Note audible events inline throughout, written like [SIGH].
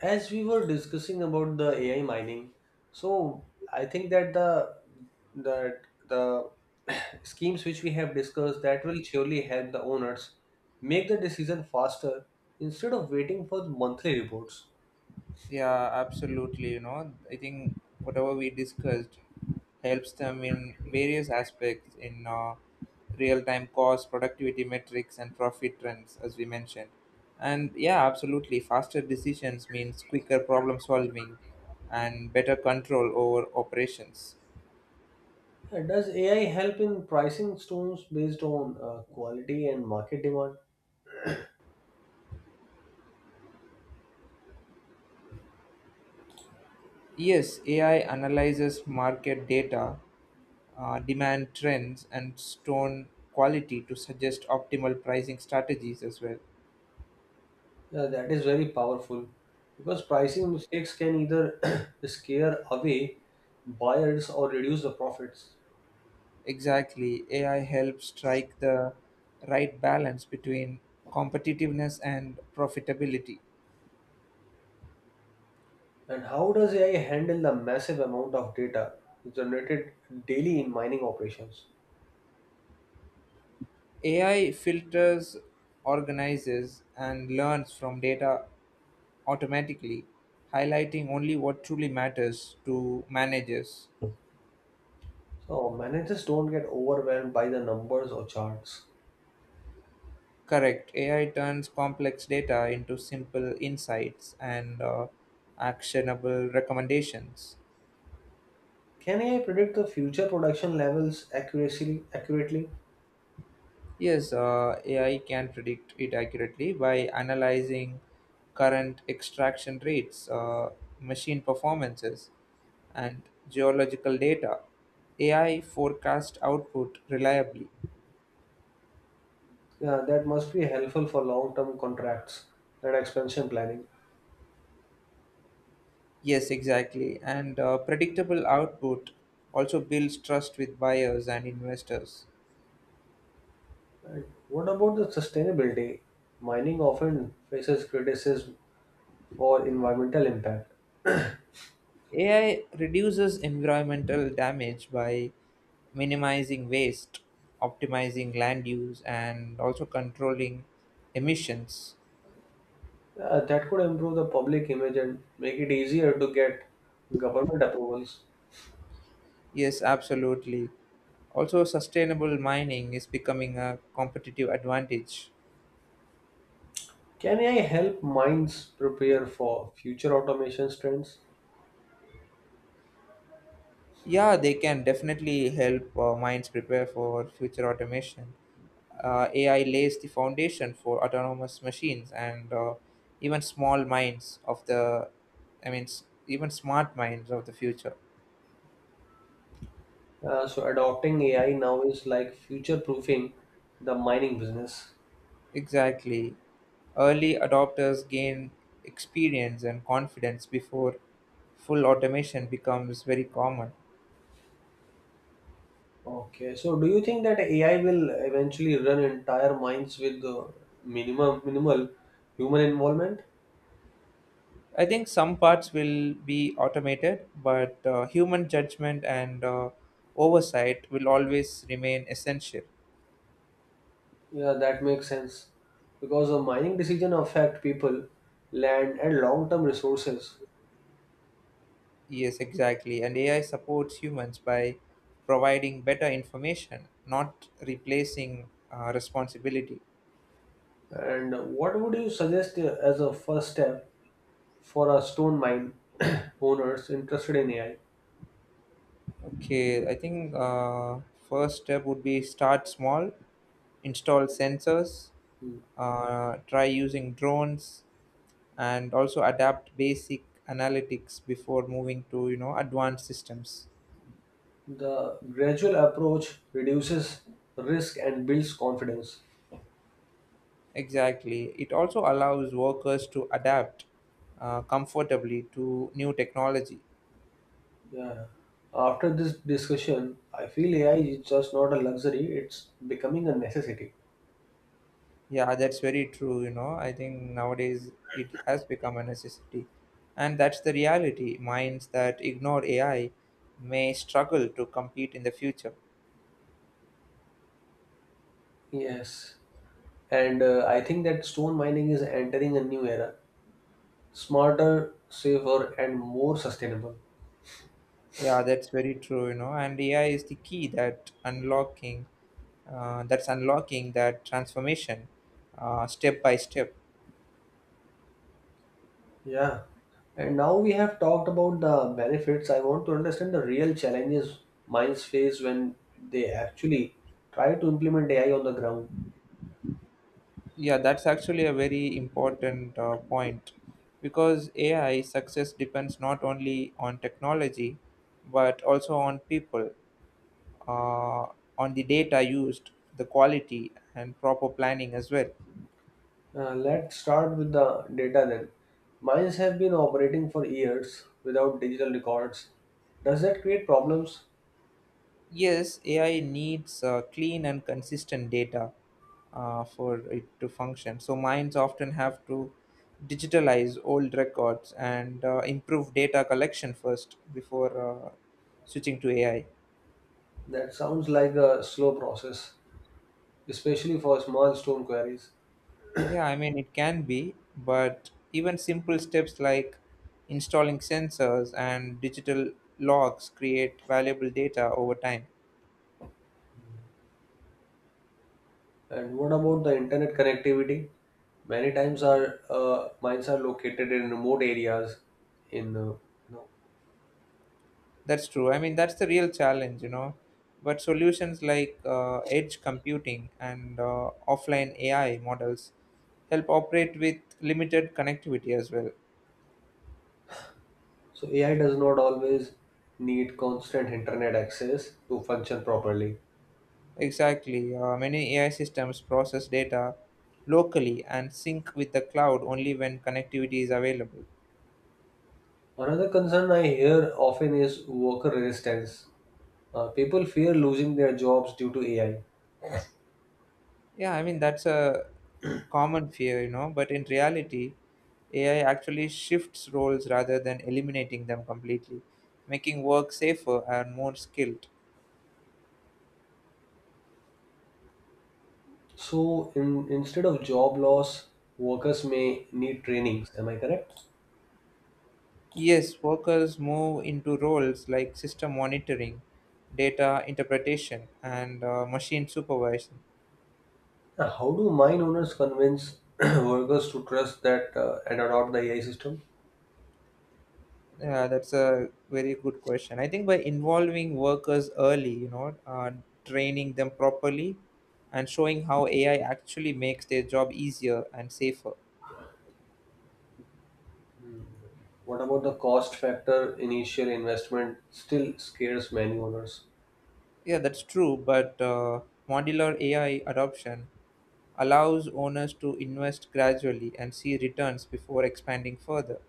As we were discussing about the AI mining, so I think that the [COUGHS] [CLEARS THROAT] schemes which we have discussed that will surely help the owners make the decision faster instead of waiting for the monthly reports. Yeah, absolutely. You know, I think whatever we discussed helps them in various aspects in real time cost, productivity metrics, and profit trends, as we mentioned. And yeah, absolutely. Faster decisions means quicker problem solving and better control over operations. Does AI help in pricing stones based on quality and market demand? Yes, AI analyzes market data, demand trends, and stone quality to suggest optimal pricing strategies as well. Yeah, that is very powerful because pricing mistakes can either [COUGHS] [CLEARS THROAT] scare away buyers or reduce the profits. Exactly. AI helps strike the right balance between competitiveness and profitability. And how does AI handle the massive amount of data generated daily in mining operations? AI filters, organizes, and learns from data automatically, highlighting only what truly matters to managers. So managers don't get overwhelmed by the numbers or charts. Correct. AI turns complex data into simple insights and actionable recommendations. Can AI predict the future production levels accurately? Yes, AI can predict it accurately by analyzing current extraction rates, machine performances, and geological data. AI forecast output reliably. Yeah, that must be helpful for long-term contracts and expansion planning. Yes, exactly. And predictable output also builds trust with buyers and investors. And what about the sustainability? Mining often faces criticism for environmental impact. AI reduces environmental damage by minimizing waste, optimizing land use, and also controlling emissions. Yeah, that could improve the public image and make it easier to get government approvals. Yes, absolutely. Also, sustainable mining is becoming a competitive advantage. Can AI help minds prepare for future automation trends? Yeah, they can definitely help mines prepare for future automation. AI lays the foundation for autonomous machines and even small minds of the, even smart minds of the future. So adopting AI now is like future proofing the mining business. Exactly. Early adopters gain experience and confidence before full automation becomes very common. Okay, so do you think that AI will eventually run entire mines with the minimum minimal human involvement? I think some parts will be automated, but human judgment and oversight will always remain essential. Yeah, that makes sense because a mining decision affect people, land, and long-term resources. Yes, exactly. And AI supports humans by providing better information, not replacing responsibility. And what would you suggest as a first step for a stone mine [COUGHS] [CLEARS THROAT] owners interested in AI? Okay, I think first step would be start small, install sensors, try using drones, and also adapt basic analytics before moving to advanced systems. The gradual approach reduces risk and builds confidence. Exactly. It also allows workers to adapt comfortably to new technology. Yeah. After this discussion, I feel AI is just not a luxury, it's becoming a necessity. Yeah, that's very true. You know, I think nowadays it has become a necessity. And that's the reality. Minds that ignore AI may struggle to compete in the future. Yes. And I think that stone mining is entering a new era smarter, safer, and more sustainable. Yeah, that's very true. You know, and AI is the key that unlocking, that's unlocking that transformation, step by step. Yeah. And now we have talked about the benefits. I want to understand the real challenges mines face when they actually try to implement AI on the ground. Yeah, that's actually a very important point because AI success depends not only on technology but also on people, uh, on the data used, the quality, and proper planning as well. Let's start with the data then. Mines have been operating for years without digital records. Does that create problems? Yes, AI needs clean and consistent data for it to function. So mines often have to digitalize old records and improve data collection first before switching to AI. That sounds like a slow process, especially for small stone quarries. Yeah, I mean, it can be, but even simple steps like installing sensors and digital logs create valuable data over time. And what about the internet connectivity? Many times our mines are located in remote areas. In uh, you know, That's true. I mean, that's the real challenge, you know. But solutions like edge computing and offline AI models help operate with limited connectivity as well. so AI does not always need constant internet access to function properly. Exactly. Many AI systems process data locally and sync with the cloud only when connectivity is available. Another concern I hear often is worker resistance. People fear losing their jobs due to AI. Yeah, I mean, that's a common fear, you know. But in reality, AI actually shifts roles rather than eliminating them completely, making work safer and more skilled. So, instead of job loss, workers may need trainings. Am I correct? Yes, workers move into roles like system monitoring, data interpretation, and machine supervision. Now, how do mine owners convince [CLEARS THROAT] workers to trust that and adopt the AI system? Yeah, that's a very good question. I think by involving workers early, you know, training them properly and showing how AI actually makes their job easier and safer. What about the cost factor? Initial investment still scares many owners. Yeah, that's true, but modular AI adoption allows owners to invest gradually and see returns before expanding further.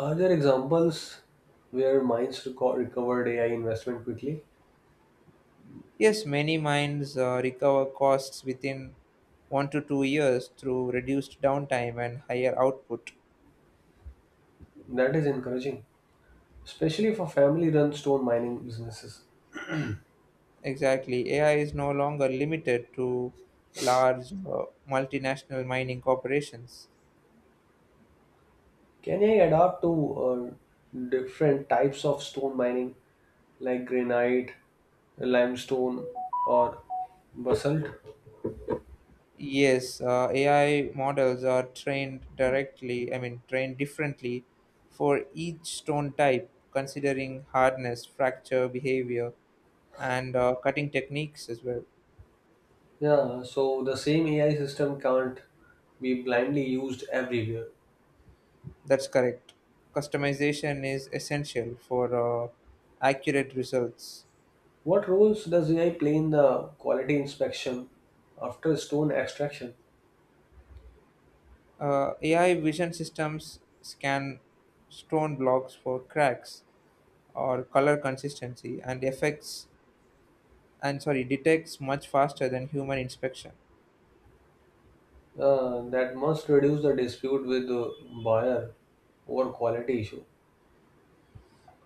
Are there examples where mines recovered AI investment quickly? Yes, many mines recover costs within 1 to 2 years through reduced downtime and higher output. That is encouraging, especially for family run stone mining businesses. Exactly. AI is no longer limited to large multinational mining corporations. Can I adapt to uh, different types of stone mining like granite, limestone, or basalt? Yes, AI models are trained directly, I mean, trained differently for each stone type, considering hardness, fracture behavior, and cutting techniques as well. Yeah, so the same AI system can't be blindly used everywhere. That's correct. Customization is essential for accurate results. What roles does AI play in the quality inspection after stone extraction? AI vision systems scan stone blocks for cracks or color consistency and effects and sorry detects much faster than human inspection. That must reduce the dispute with the buyer over quality issue.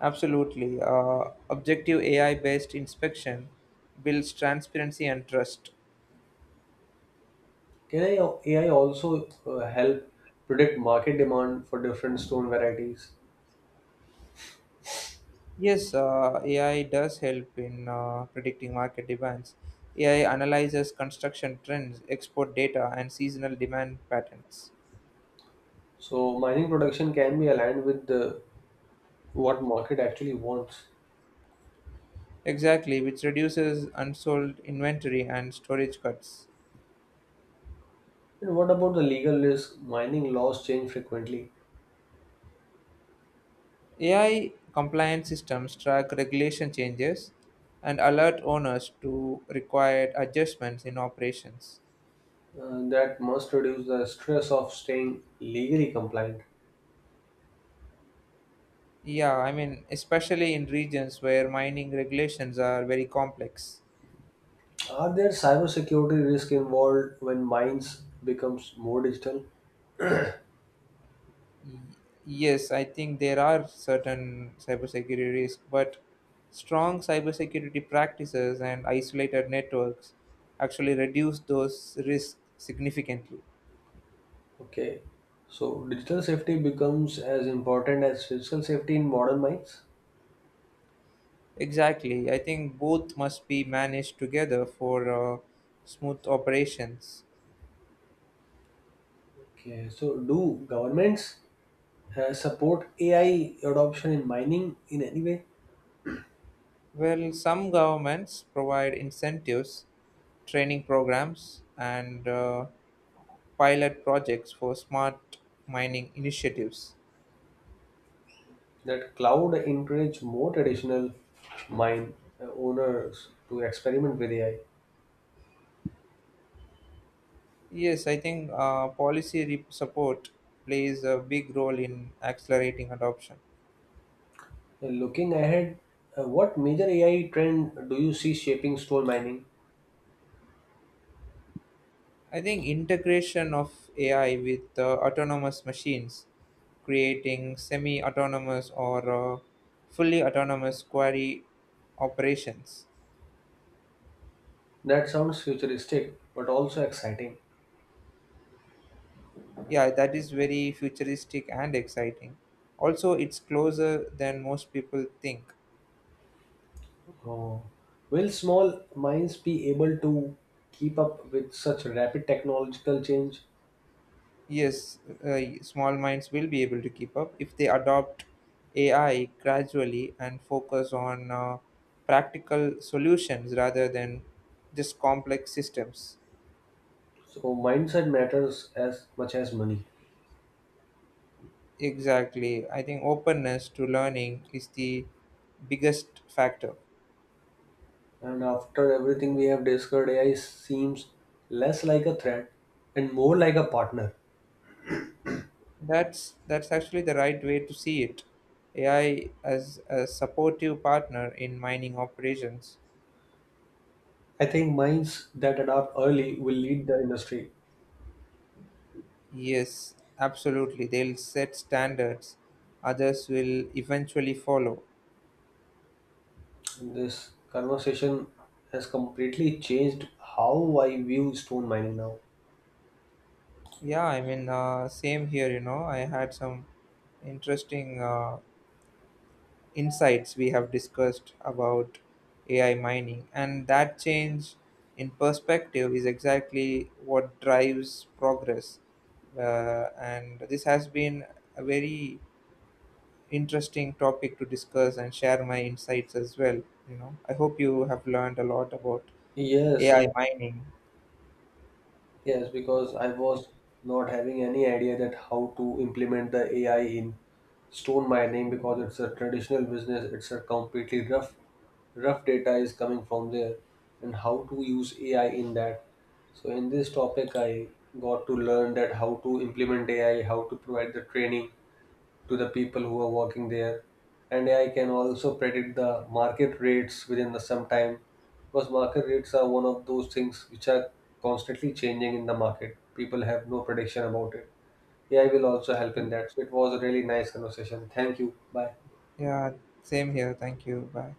Absolutely. Objective AI based inspection builds transparency and trust. Can AI also help predict market demand for different stone varieties? Yes, AI does help in predicting market demands. AI analyzes construction trends, export data, and seasonal demand patterns. So mining production can be aligned with what market actually wants. Exactly, which reduces unsold inventory and storage cuts. And what about the legal risk? Mining laws change frequently. AI compliant systems track regulation changes and alert owners to required adjustments in operations. That must reduce the stress of staying legally compliant. Yeah, I mean, especially in regions where mining regulations are very complex. Are there cybersecurity risks involved when mines becomes more digital? Yes, I think there are certain cybersecurity risks, but strong cybersecurity practices and isolated networks actually reduce those risks significantly. Okay, so digital safety becomes as important as physical safety in modern mines. Exactly. I think both must be managed together for smooth operations. Okay, so do governments support AI adoption in mining in any way Well, some governments provide incentives, training programs, and pilot projects for smart mining initiatives. that cloud encourage more traditional mine owners to experiment with AI? Yes, I think support plays a big role in accelerating adoption. Looking ahead, what major AI trend do you see shaping stone mining? I think integration of AI with autonomous machines, creating semi autonomous or fully autonomous query operations. That sounds futuristic but also exciting. Yeah, that is very futuristic and exciting. Also, it's closer than most people think. Oh. Will small mines be able to keep up with such rapid technological change? Yes, small minds will be able to keep up if they adopt AI gradually and focus on practical solutions rather than just complex systems. So mindset matters as much as money. Exactly. I think openness to learning is the biggest factor. And after everything we have discussed, AI seems less like a threat and more like a partner. That's actually the right way to see it. AI as a supportive partner in mining operations. I think minds that adapt early will lead the industry. Yes, absolutely. They'll set standards, others will eventually follow. This conversation has completely changed how I view stone mining now. Yeah, I mean, same here, you know. I had some interesting insights we have discussed about AI mining, and that change in perspective is exactly what drives progress. And this has been a very interesting topic to discuss and share my insights as well. You know, I hope you have learned a lot about Yes, AI mining. yes, because I was not having any idea that how to implement the AI in stone mining because it's a traditional business. It's a completely rough data is coming from there, and how to use AI in that. So in this topic, I got to learn that how to implement AI, how to provide the training, to the people who are working there, and AI can also predict the market rates within the some time because market rates are one of those things which are constantly changing in the market. People have no prediction about it. AI will also help in that. So it was a really nice conversation. Thank you. Bye. Yeah, same here. Thank you. Bye.